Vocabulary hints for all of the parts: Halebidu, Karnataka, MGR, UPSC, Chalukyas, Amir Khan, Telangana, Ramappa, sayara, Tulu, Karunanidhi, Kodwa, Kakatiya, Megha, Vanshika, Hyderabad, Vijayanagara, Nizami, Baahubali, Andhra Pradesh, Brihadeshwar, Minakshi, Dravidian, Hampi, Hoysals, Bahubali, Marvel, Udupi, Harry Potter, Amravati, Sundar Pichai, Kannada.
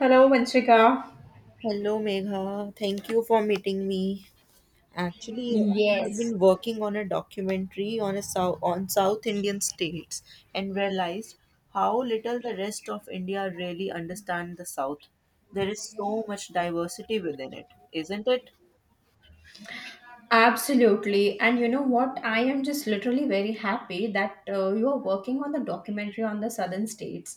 Hello, Vanshika. Hello, Megha. Thank you for meeting me. Actually, I have Yes, been working on a documentary on a South Indian states and realized how little the rest of India really understand the South. There is so much diversity within it, isn't it? absolutely. And you know what? I am just literally very happy that you are working on the documentary on the southern states.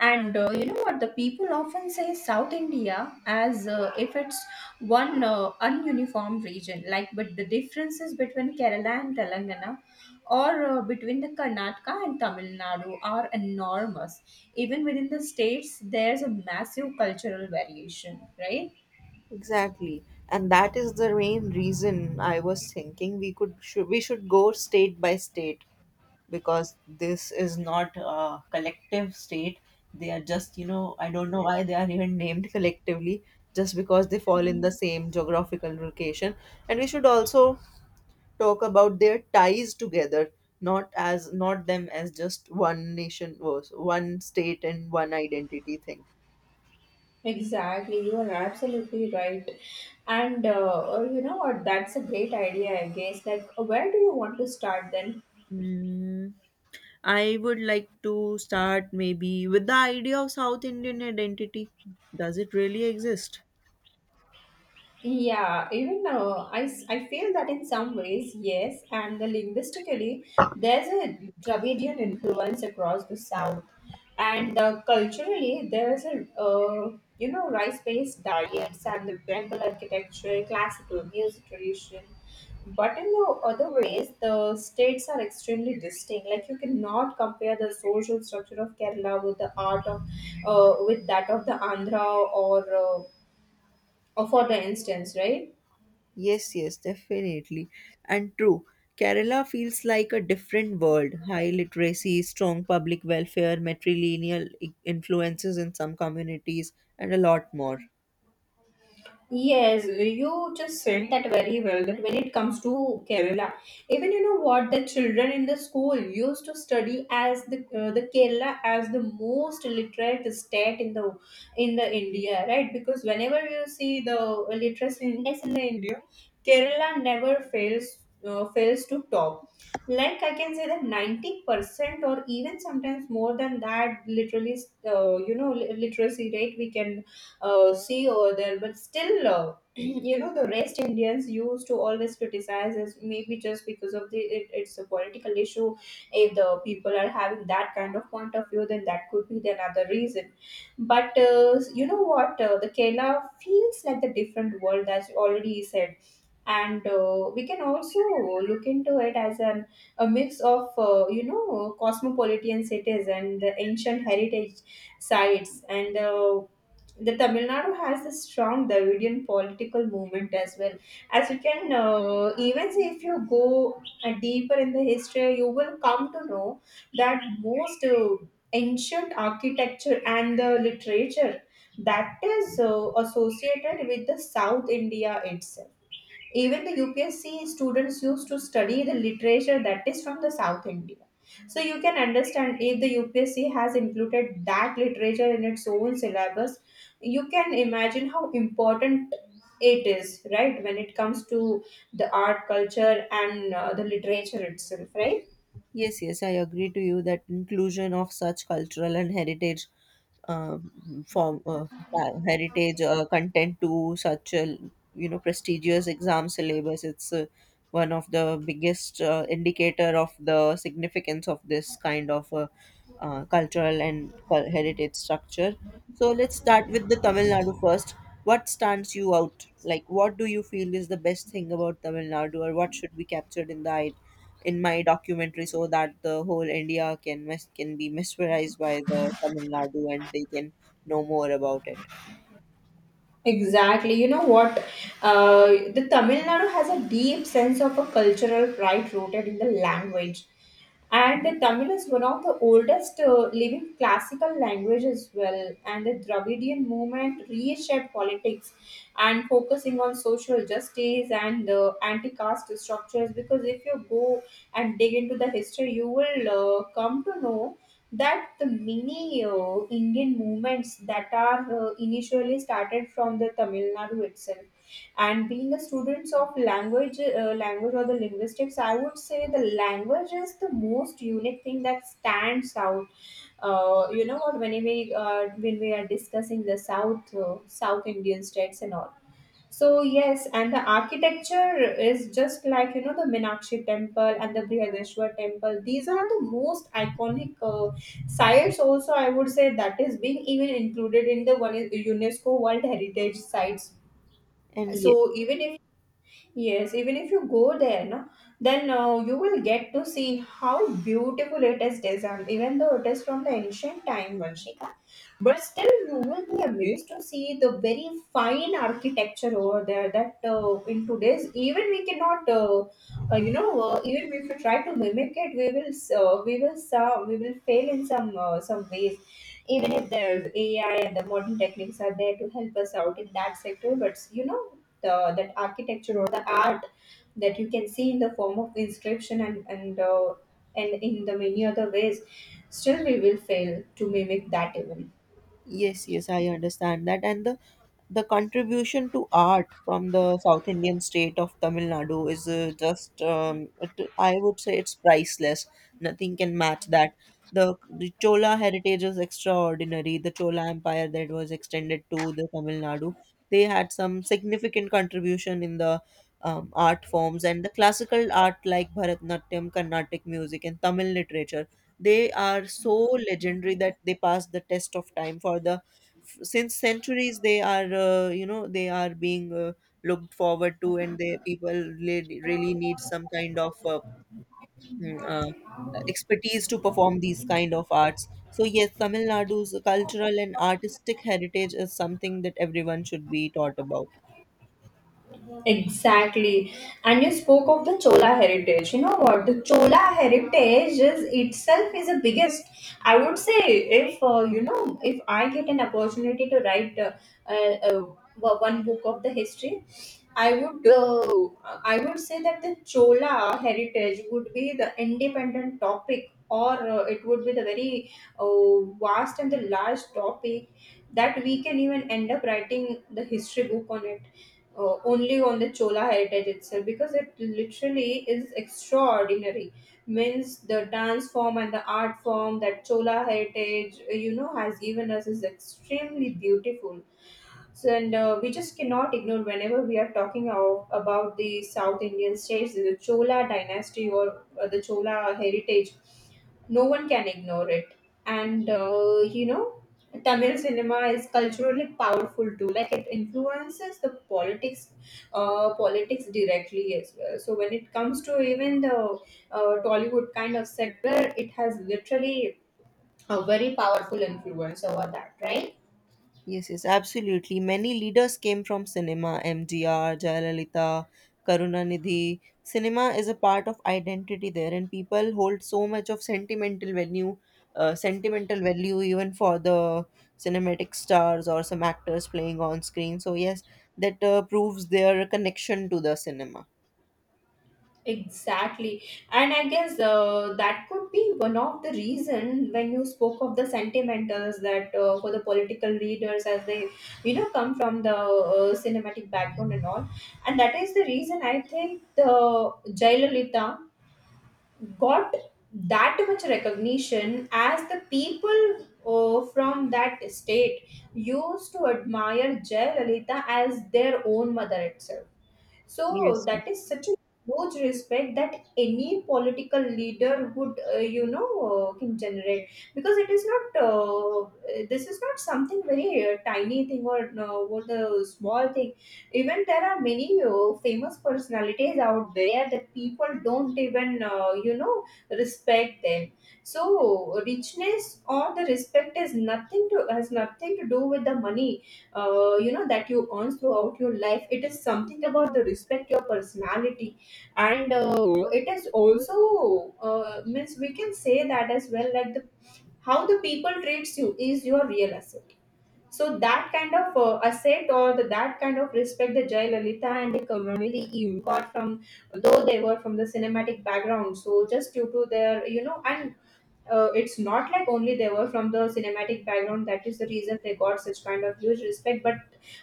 And you know what? The people often say South India as if it's one ununiform region, like, but the differences between Kerala and Telangana or between the Karnataka and Tamil Nadu are enormous. Even within the states, there's a massive cultural variation, right? Exactly. And that is the main reason I was thinking we should go state by state because this is not a collective state. They are just I don't know why they are even named collectively just because they fall in the same geographical location, and we should also talk about their ties together, not as not them as just one nation was one state and one identity thing. Exactly, you are absolutely right. And you know what? That's a great idea, I guess. Like, where do you want to start then? Mm, I would like to start maybe with the idea of South Indian identity. Does it really exist? Yeah, even I feel that in some ways, yes, and the linguistically, there's a Dravidian influence across the South, and culturally, there is a you know rice-based diets and the temple architecture, classical music tradition. But in the other ways, the states are extremely distinct. Like you cannot compare the social structure of Kerala with the art of, with that of the Andhra or, uh, or for the instance, right? Yes, yes, definitely. And true, Kerala feels like a different world. High literacy, strong public welfare, influences in some communities, and a lot more. Yes, you just said that very well. That when it comes to Kerala, even you know what the children in the school used to study as the Kerala as the most literate state in the India, right? Because whenever you see the literacy index in the India, Kerala never fails fails to top. Like I can say that 90% or even sometimes more than that, literally, you know, literacy rate we can sea over there. But still, you know, the rest Indians used to always criticize as maybe just because of it's a political issue. If the people are having that kind of point of view, then that could be the another reason. But you know what? The Kerala feels like the different world, as you already said, and we can also look into it as a mix of you know cosmopolitan cities and the ancient heritage sites, and the Tamil Nadu has a strong Dravidian political movement as well. As you can even see, if you go deeper in the history, you will come to know that most ancient architecture and the literature that is associated with the South India itself. Even the UPSC students used to study the literature that is from the South India. So you can understand if the UPSC has included that literature in its own syllabus, you can imagine how important it is, right? When it comes to the art, culture, and the literature itself, right? Yes, yes, I agree to you that inclusion of such cultural and heritage form heritage content to such a prestigious exam syllabus. It's one of the biggest indicator of the significance of this kind of cultural and heritage structure. So let's start with the Tamil Nadu first. What stands you out? Like, what do you feel is the best thing about Tamil Nadu, or what should be captured in the in my documentary so that the whole India can can be mesmerized by the Tamil Nadu and they can know more about it. Exactly. You know what? The Tamil Nadu has a deep sense of a cultural pride rooted in the language. And the Tamil is one of the oldest living classical languages as well. And the Dravidian movement reshaped politics and focusing on social justice and anti-caste structures. Because if you go and dig into the history, you will come to know that the many Indian movements that are initially started from the Tamil Nadu itself. And being a student of language, or the linguistics, I would say the language is the most unique thing that stands out. You know what? When we are discussing the South South Indian states and all, so yes, and the architecture is just like you know the Minakshi temple and the Brihadeshwar temple. These are the most iconic sites. Also, I would say that is being even included in the one UNESCO World Heritage Sites. And ye- So even if, yes, even if you go there, no, then you will get to see how beautiful it is designed, even though it is from the ancient time, Vanshika. But still, you will be amazed to see the very fine architecture over there. That in today's, even we cannot, you know, even if we try to mimic it, we will fail in some ways. Even if there's AI and the modern techniques are there to help us out in that sector, but you know, the that architecture or the art that you can see in the form of inscription and in the many other ways, still we will fail to mimic that even. yes, yes, I understand that. And the contribution to art from the South Indian state of Tamil Nadu is just, it, I would say it's priceless. Nothing can match that. The Chola heritage is extraordinary. The Chola empire that was extended to the Tamil Nadu, they had some significant contribution in the art forms and the classical art like Bharatanatyam, Carnatic music, and Tamil literature. They are so legendary that they pass the test of time for since centuries they are they are being looked forward to, and they people really, really need some kind of mm, uh, expertise to perform these kind of arts. So yes, Tamil Nadu's cultural and artistic heritage is something that everyone should be taught about. Exactly. And you spoke of the Chola heritage. You know what? The Chola heritage is itself is the biggest. I would say if you know, if I get an opportunity to write uh, uh, one book of the history, I would say that the Chola heritage would be the independent topic, or it would be the very vast and the large topic that we can even end up writing the history book on it, only on the Chola heritage itself, because it literally is extraordinary. Means the dance form and the art form that Chola heritage, you know, has given us is extremely beautiful. So, and we just cannot ignore whenever we are talking of, about the South Indian states, the Chola dynasty or the Chola heritage, no one can ignore it. And you know, Tamil cinema is culturally powerful too. Like it influences the politics directly as well. So when it comes to even the uh, Tollywood kind of sector, it has literally a very powerful influence over that, right? Yes, yes, absolutely. Many leaders came from cinema, MGR, Jayalalitha, Karunanidhi. Cinema is a part of identity there, and people hold so much of sentimental value even for the cinematic stars or some actors playing on screen. So, yes, that proves their connection to the cinema. Exactly. And I guess that could be one of the reason when you spoke of the sentimentals, that for the political leaders as they, you know, come from the cinematic background and all. And that is the reason I think the Jayalalitha got that much recognition, as the people from that state used to admire Jayalalitha as their own mother itself. So Yes, yes. that is such a huge respect that any political leader would, you know, can generate, because it is not this is not something very tiny thing or what the small thing. Even there are many famous personalities out there that people don't even, you know, respect them. So richness or the respect is nothing to, has nothing to do with the money you know, that you earn throughout your life. It is something about the respect your personality. And it is also, means we can say that as well, like the, how the people treats you is your real asset. So that kind of asset or the, that kind of respect the Jayalalitha and the community you got from, though they were from the cinematic background, so just due to their you know, and it's not like only they were from the cinematic background, that is the reason they got such kind of huge respect, but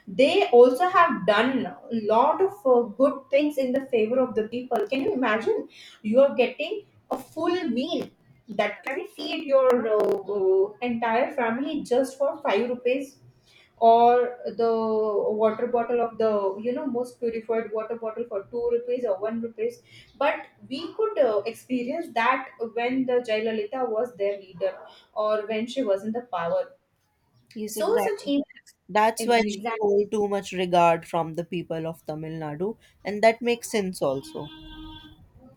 they also have done a lot of good things in the favor of the people. Can you imagine you are getting a full meal that can feed your entire family just for 5 rupees, or the water bottle of the, you know, most purified water bottle for 2 rupees or 1 rupees? But we could experience that when the Jayalalitha was their leader, or when she was in the power. Yes, So such exactly. That's why she events. hold too much regard from the people of Tamil Nadu, and that makes sense also.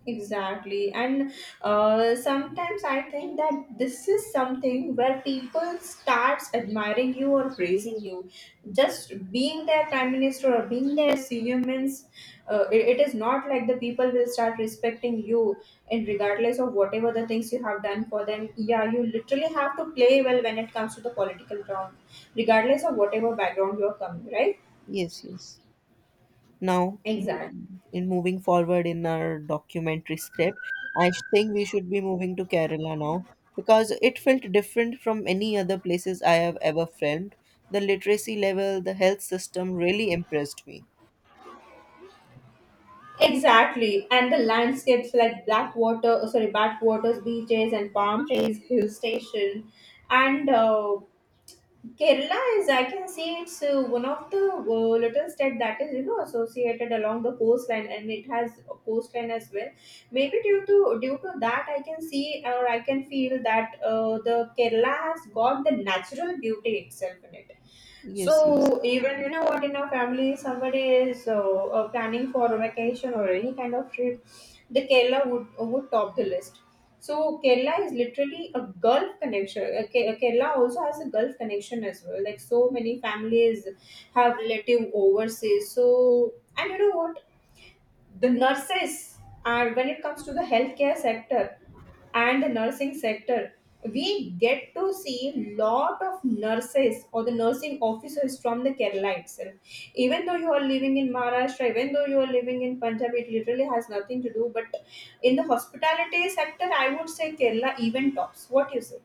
Exactly. And sometimes I think that this is something where people starts admiring you or praising you. Just being their prime minister or being their senior means it is not like the people will start respecting you and regardless of whatever the things you have done for them. Yeah, you literally have to play well when it comes to the political ground, regardless of whatever background you are coming, right? Yes, yes. Now, Exactly. in moving forward in our documentary script, I think we should be moving to Kerala now because it felt different from any other places I have ever filmed. The literacy level, the health system really impressed me. Exactly, and the landscapes like black water, sorry, backwaters, beaches, and palm trees, hill station, and Kerala is, I can see it's one of the little state that is, you know, associated along the coastline, and it has a coastline as well. Maybe due to that, I can see or I can feel that the Kerala has got the natural beauty itself in it. Yes, yes. So even you know what, in our family somebody is planning for a vacation or any kind of trip, the Kerala would top the list. So Kerala is literally a Gulf connection. Kerala also has a Gulf connection as well. Like so many families have relative overseas. So, and you know what? The nurses and when it comes to the healthcare sector and the nursing sector, we get to see lot of nurses or the nursing officers from the Kerala itself. Even though you are living in Maharashtra, even though you are living in Punjab, it literally has nothing to do, but in the hospitality sector I would say Kerala even tops. What you say?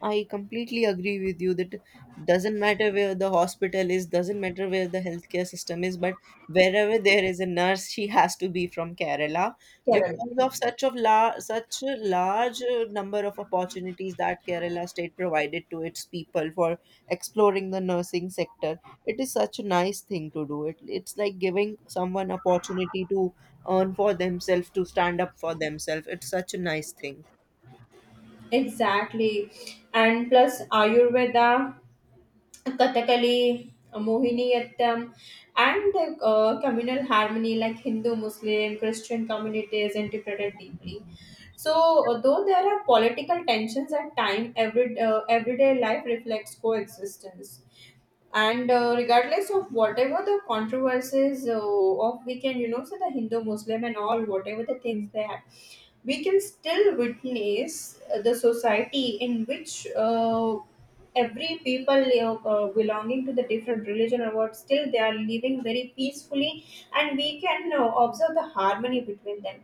I completely agree with you that doesn't matter where the hospital is, doesn't matter where the healthcare system is, but wherever there is a nurse, she has to be from Kerala Kerala because of such a large number of opportunities that Kerala state provided to its people for exploring the nursing sector. It is such a nice thing to do. It's like giving someone opportunity to earn for themselves, to stand up for themselves. It's such a nice thing. exactly. And plus Ayurveda, Kathakali, Mohiniyattam, and the communal harmony like Hindu, Muslim, Christian communities interpreted deeply. So, though there are political tensions at time, everyday life reflects coexistence and regardless of whatever the controversies of we can, you know, say the Hindu Muslim and all whatever the things they have, we can still witness the society in which every people belonging to the different religion or what, still they are living very peacefully, and we can observe the harmony between them.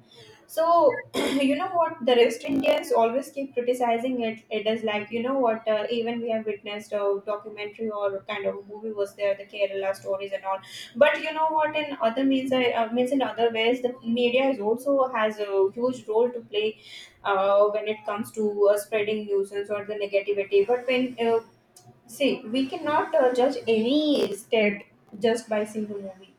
So you know what, the West Indians always keep criticizing it. It is like, you know what, even we have witnessed a documentary or a kind of a movie was there, the Kerala Stories and all. But you know what, in other means, I means in other ways, the media is also has a huge role to play when it comes to spreading nuisance or the negativity. But when see, we cannot judge any state just by single movie.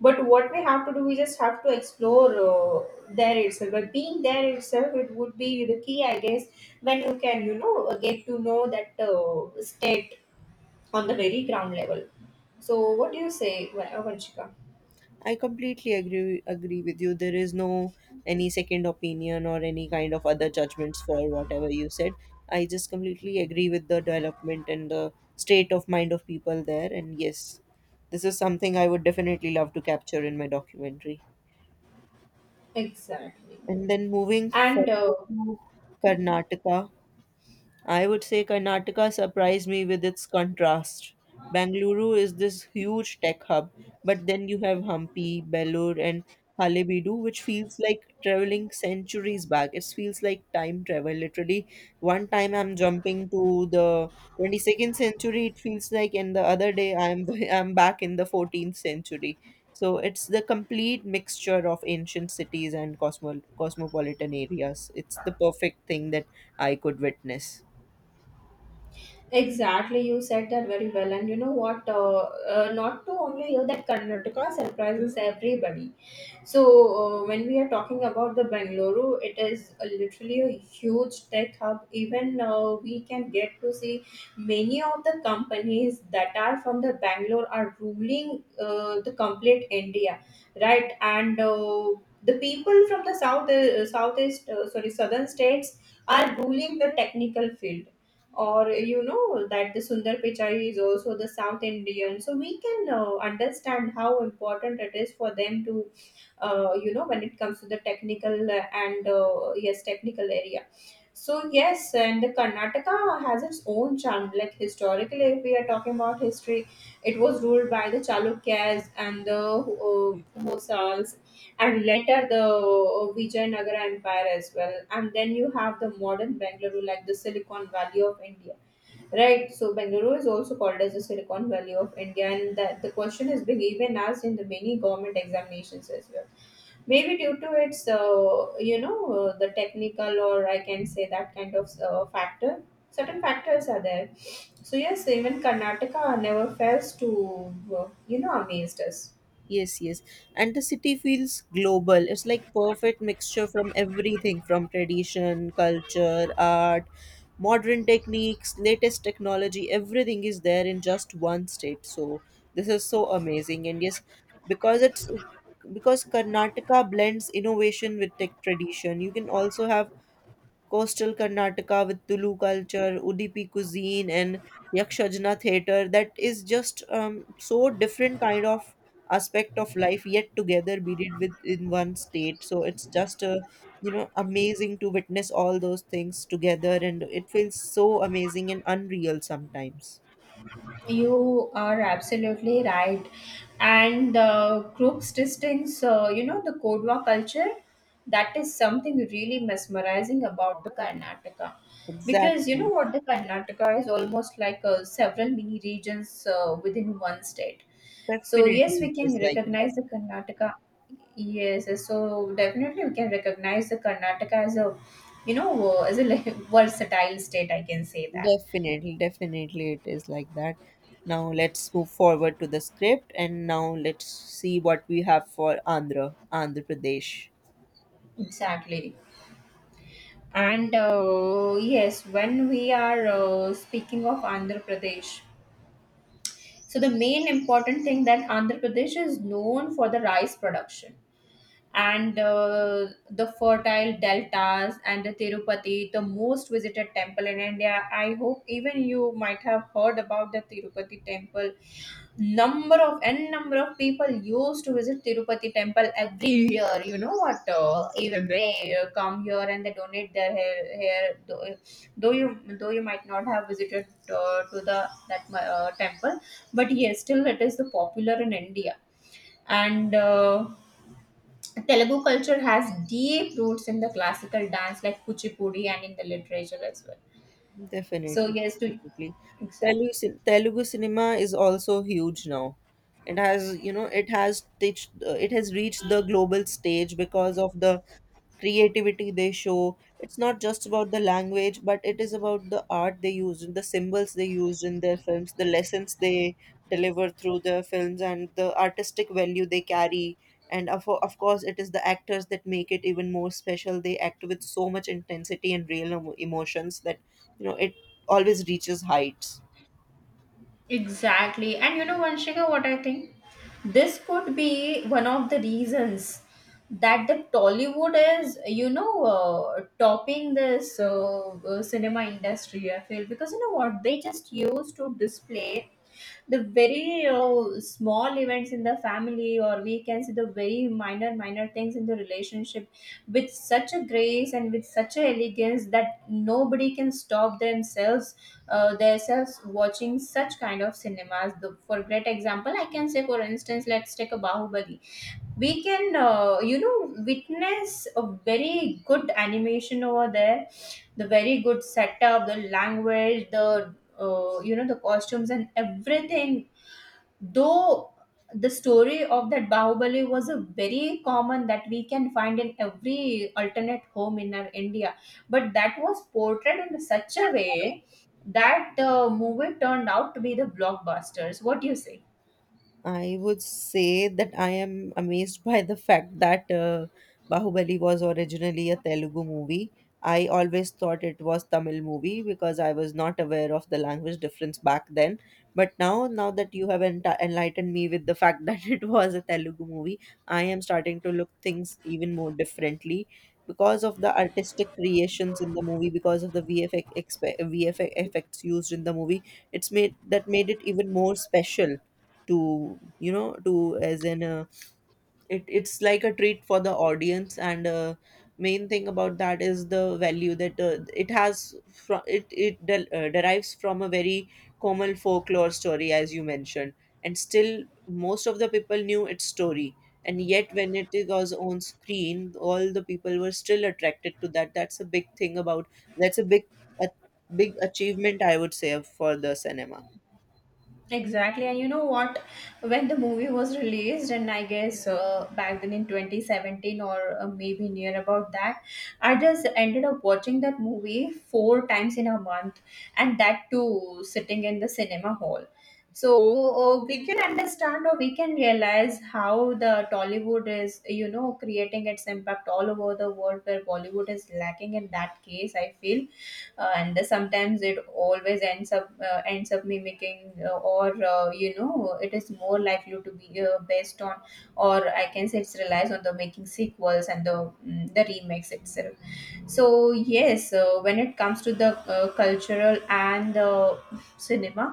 But what we have to do, we just have to explore there itself. By being there itself, it would be the key, I guess, when you can, you know, get to know that state on the very ground level. So, what do you say, Vanshika? I completely agree with you. There is no any second opinion or any kind of other judgments for whatever you said. I just completely agree with the development and the state of mind of people there. And yes, this is something I would definitely love to capture in my documentary. Exactly. And then moving And forward to Karnataka, I would say Karnataka surprised me with its contrast. Bangalore is this huge tech hub, but then you have Hampi, Belur, and Halebidu, which feels like traveling centuries back. It feels like time travel. Literally, one time I'm jumping to the 22nd century, it feels like, and the other day I'm I'm back in the 14th century. So it's the complete mixture of ancient cities and cosmopolitan areas. It's the perfect thing that I could witness. Exactly, you said that very well. And you know what? Not to only you, that Karnataka surprises everybody. So, when we are talking about the Bengaluru, it is literally a huge tech hub. Even we can get to see many of the companies that are from the Bangalore are ruling the complete India, right? And The people from the south, sorry, southern states are ruling the technical field, or you know that the Sundar Pichai is also the South Indian. So we can understand how important it is for them to, you know, when it comes to the technical and yes, technical area. So yes, and the Karnataka has its own charm. Like historically, if we are talking about history, it was ruled by the Chalukyas and the Hoysals and later the Vijayanagara Empire as well. And then you have the modern Bangalore, like the Silicon Valley of India, right? So Bangalore is also called as the Silicon Valley of India, and that the question is being even asked in the many government examinations as well. Maybe due to its, you know, the technical, or I can say that kind of factor. Certain factors are there. So yes, even Karnataka never fails to, you know, amazed us. Yes, yes. And the city feels global. It's like perfect mixture from everything, from tradition, culture, art, modern techniques, latest technology, everything is there in just one state. So this is so amazing. And yes, because it's because Karnataka blends innovation with tech tradition, you can also have coastal Karnataka with Tulu culture, Udupi cuisine, and Yakshajana theater. That is just so different kind of aspect of life yet together beaded within one state. So it's just a amazing to witness all those things together, and it feels so amazing and unreal sometimes. You are absolutely right. And the group's distinct, you know, the Kodwa culture, that is something really mesmerizing about the Karnataka. Because you know Exactly. what, the Karnataka is almost like several mini regions within one state. So, Definitely, yes, it we is can like that. recognize the Karnataka. Yes, so definitely we can recognize the Karnataka as a, you know, as a like, versatile state, I can say that. Definitely, definitely, it is like that. Now let's move forward to the script, and now let's see what we have for Andhra Pradesh. Exactly. And Yes, when we are speaking of Andhra Pradesh, so the main important thing that Andhra Pradesh is known for the rice production and the fertile deltas and the Tirupati, the most visited temple in India. I hope even you might have heard about the Tirupati temple. Number of people used to visit Tirupati temple every year. You know what? Even they come here and they donate their hair. Though, though you might not have visited to the that temple, but yes, still it is the popular in India, and Telugu culture has deep roots in the classical dance like Kuchipudi and in the literature as well. So Definitely, yes, to definitely. Exactly. Telugu cinema is also huge now. It has, it has reached the global stage because of the creativity they show. It's not just about the language, but it is about the art they use and the symbols they use in their films, the lessons they deliver through their films, and the artistic value they carry. And of course, it is the actors that make it even more special. They act with so much intensity and real emotions that it always reaches heights. Exactly. And you know, Vanshika, what I think? This could be one of the reasons that the Tollywood is, you know, topping this cinema industry, I feel. Because you know what? They just used to display the very small events in the family, or we can see the very minor things in the relationship with such a grace and with such a elegance that nobody can stop themselves themselves watching such kind of cinemas. For great example, I can say, for instance, let's take a Bahubali. We can, you know, witness a very good animation over there, the very good setup, the language, the you know, the costumes and everything, though the story of that Bahubali was a very common that we can find in every alternate home in our India, but that was portrayed in such a way that the movie turned out to be the blockbusters. What do you say? I would say that I am amazed by the fact that Bahubali was originally a Telugu movie. I always thought it was Tamil movie because I was not aware of the language difference back then. But now, now that you have enlightened me with the fact that it was a Telugu movie, I am starting to look things even more differently because of the artistic creations in the movie, because of the VFX effects used in the movie. It's made that made it even more special to to as in it's like a treat for the audience, and main thing about that is the value that it has from it, it derives from a very common folklore story, as you mentioned, and still most of the people knew its story, and yet when it was on screen all the people were still attracted to that. That's a big thing about, that's a big achievement, I would say, for the cinema. Exactly, and you know what? When the movie was released, and I guess back then in 2017, or maybe near about that, I just ended up watching that movie four times in a month, and that too sitting in the cinema hall. So we can understand or we can realize how the Tollywood is, you know, creating its impact all over the world where Bollywood is lacking in that case, I feel. And sometimes it always ends up mimicking, or you know, it is more likely to be based on, or I can say it's relies on the making sequels and the remakes itself. So yes, when it comes to the cultural and cinema,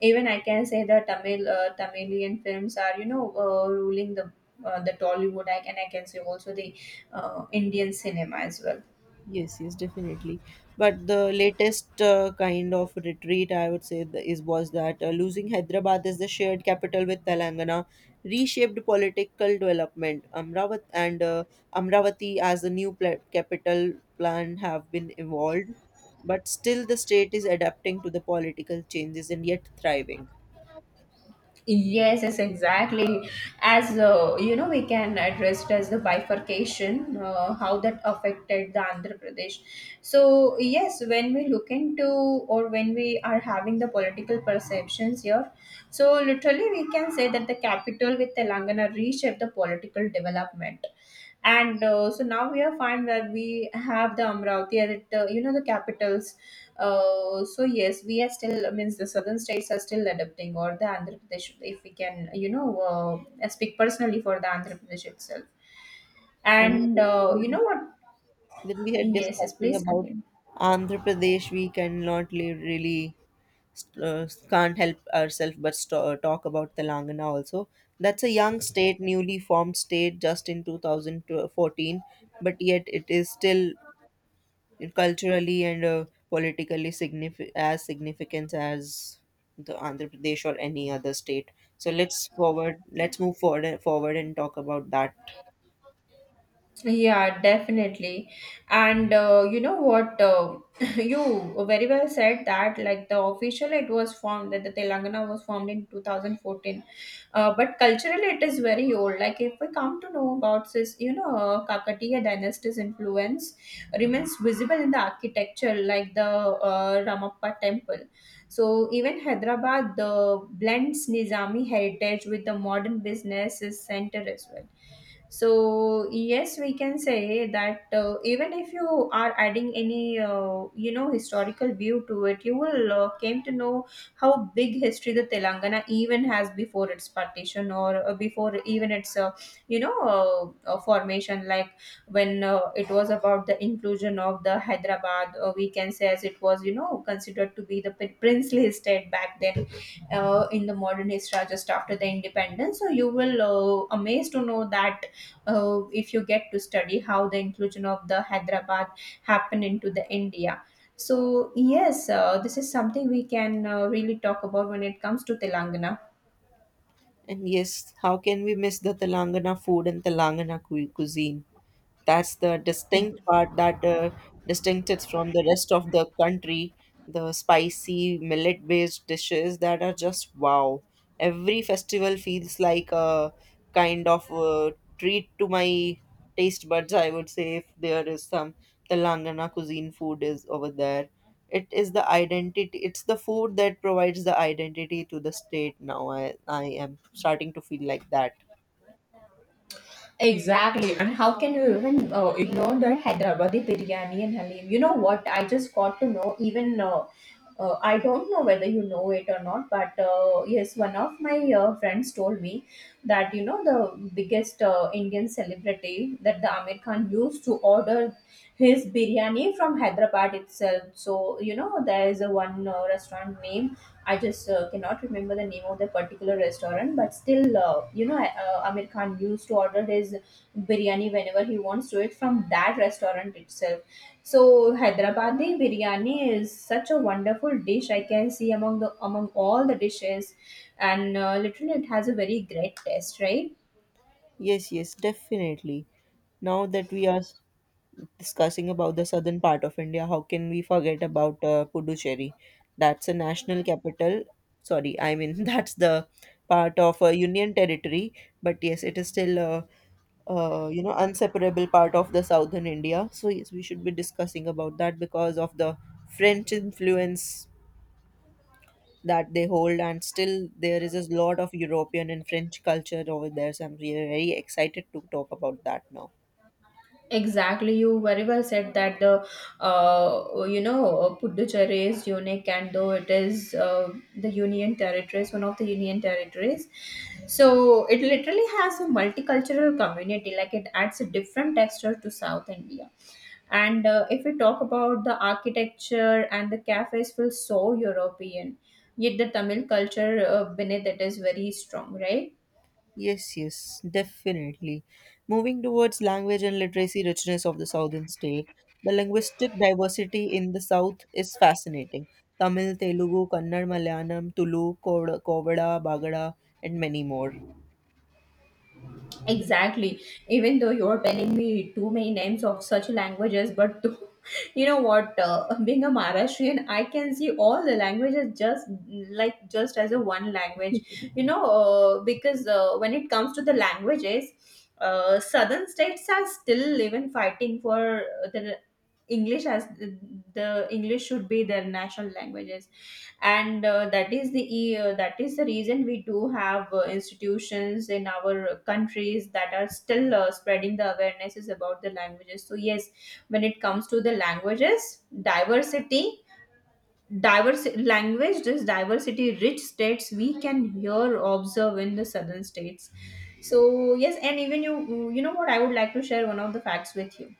even I can say the Tamilian films are, you know, ruling the Tollywood, I can, I can say also the Indian cinema as well. Yes, yes, definitely. But the latest kind of retreat, I would say, the, is was that losing Hyderabad as the shared capital with Telangana reshaped political development. Amravati as the new capital plan have been evolved, but still the state is adapting to the political changes and yet thriving. Yes, yes, exactly. As you know, we can address it as the bifurcation, how that affected the Andhra Pradesh. So yes, when we look into or when we are having the political perceptions here, so literally we can say that the capital with Telangana reshaped the political development. And So now we are fine where we have the Amravati as it, you know, the capitals. So yes, we are still, means the southern states are still adapting, or the Andhra Pradesh, if we can, you know, speak personally for the Andhra Pradesh itself. And And You know what? then we had Yes, yes, discussing please about continue. Andhra Pradesh. We cannot leave really can't help ourselves but talk about Telangana also. That's a young state, newly formed state, just in 2014, but yet it is still culturally and as significant as the Andhra Pradesh or any other state. So let's move forward and talk about that. Yeah, definitely. And You know what? You very well said that, like the official, it was formed that the Telangana was formed in 2014. But culturally, it is very old. Like, if we come to know about this, you know, Kakatiya dynasty's influence remains visible in the architecture, like the Ramappa temple. So, even Hyderabad, the blends Nizami heritage with the modern business is center as well. So yes, we can say that even if you are adding any, you know, historical view to it, you will came to know how big history the Telangana even has before its partition or before even its you know, formation, like when it was about the inclusion of the Hyderabad, we can say as it was, you know, considered to be the princely state back then in the modern history just after the independence. So you will amazed to know that if you get to study how the inclusion of the Hyderabad happened into the India. So yes, this is something we can really talk about when it comes to Telangana. And yes, how can we miss the Telangana food and Telangana cuisine? That's the distinct part that distincts from the rest of the country. The spicy millet-based dishes that are just wow. Every festival feels like a kind of treat to my taste buds. I would say if there is some Telangana cuisine food is over there, it is the identity. It's the food that provides the identity to the state. Now I am starting to feel like that. Exactly. And how can you even ignore the Hyderabadi biryani and Halim? You know what? I just got to know, even I don't know whether you know it or not, but yes, one of my friends told me that, you know, the biggest Indian celebrity that the Amir Khan used to order his biryani from Hyderabad itself. So, you know, there is a one restaurant named, I just cannot remember the name of the particular restaurant, but still, you know, Amir Khan used to order his biryani whenever he wants to it from that restaurant itself. So Hyderabadi biryani is such a wonderful dish. I can see among the among all the dishes, and literally it has a very great taste, right? Yes, yes, definitely. Now that discussing about the southern part of India, how can we forget about Puducherry? That's a national capital, sorry, I mean that's the part of a union territory, but yes, it is still a inseparable part of the southern India. So yes, we should be discussing about that because of the French influence that they hold, and still there is a lot of European and French culture over there. So I'm really very excited to talk about that now. Exactly, you very well said that the you know, Puducherry is unique, and though it is the union territories, one of the union territories, so it literally has a multicultural community. Like it adds a different texture to South India. And If we talk about the architecture and the cafes, feel so European. Yet the Tamil culture beneath it is very strong, right? Yes, yes, definitely. Moving towards language and literacy richness of the southern state, the linguistic diversity in the south is fascinating. Tamil, Telugu, Kannada, Malayalam, Tulu, Kovada, Bagada, and many more. Exactly. Even though you're telling me too many names of such languages, but you know what? Being a Maharashtrian, I can see all the languages just just as a one language. You know, because when it comes to the languages, southern states are still even fighting for the English as the English should be their national languages, and that is that is the reason we do have institutions in our countries that are still spreading the awarenesses about the languages. So yes, when it comes to the languages diversity diverse language, this diversity rich states we can here observe in the southern states. So yes, and even you know what, I would like to share one of the facts with you.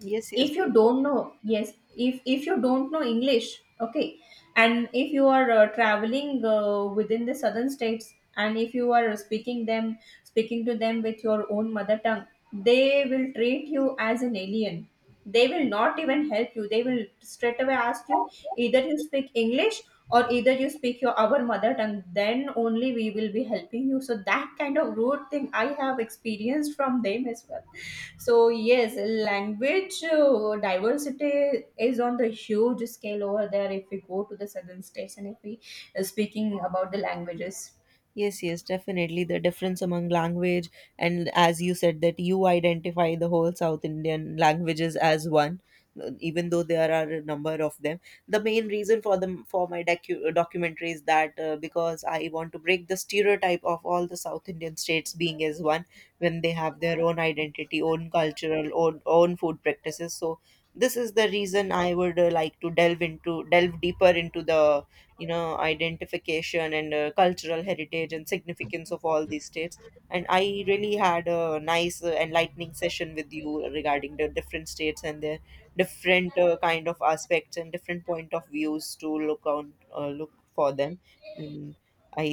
Yes, yes, If you please. don't know, yes, if you don't know English, okay, and if you are traveling within the southern states, and if you are speaking to them with your own mother tongue, they will treat you as an alien. They will not even help you. They will straight away ask you, either you speak English or either you speak your, our mother tongue, then only we will be helping you. So that kind of rude thing I have experienced from them as well. So yes, language diversity is on the huge scale over there. If we go to the southern states and if we speaking about the languages, Yes, yes, definitely. The difference among language, and as you said, that you identify the whole South Indian languages as one, even though there are a number of them. The main reason for them for my documentary is that because I want to break the stereotype of all the South Indian states being as one when they have their own identity, own cultural, own food practices. So this is the reason I would like to delve deeper into the identification and cultural heritage and significance of all these states. And I really had a nice enlightening session with you regarding the different states and their different kind of aspects and different point of views to look on, look for them. And I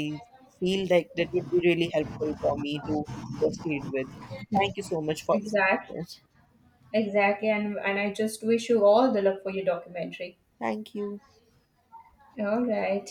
feel like that would be really helpful for me to proceed with. Thank you so much for this. exactly, Yes, exactly, and I just wish you all the luck for your documentary. thank you. All right.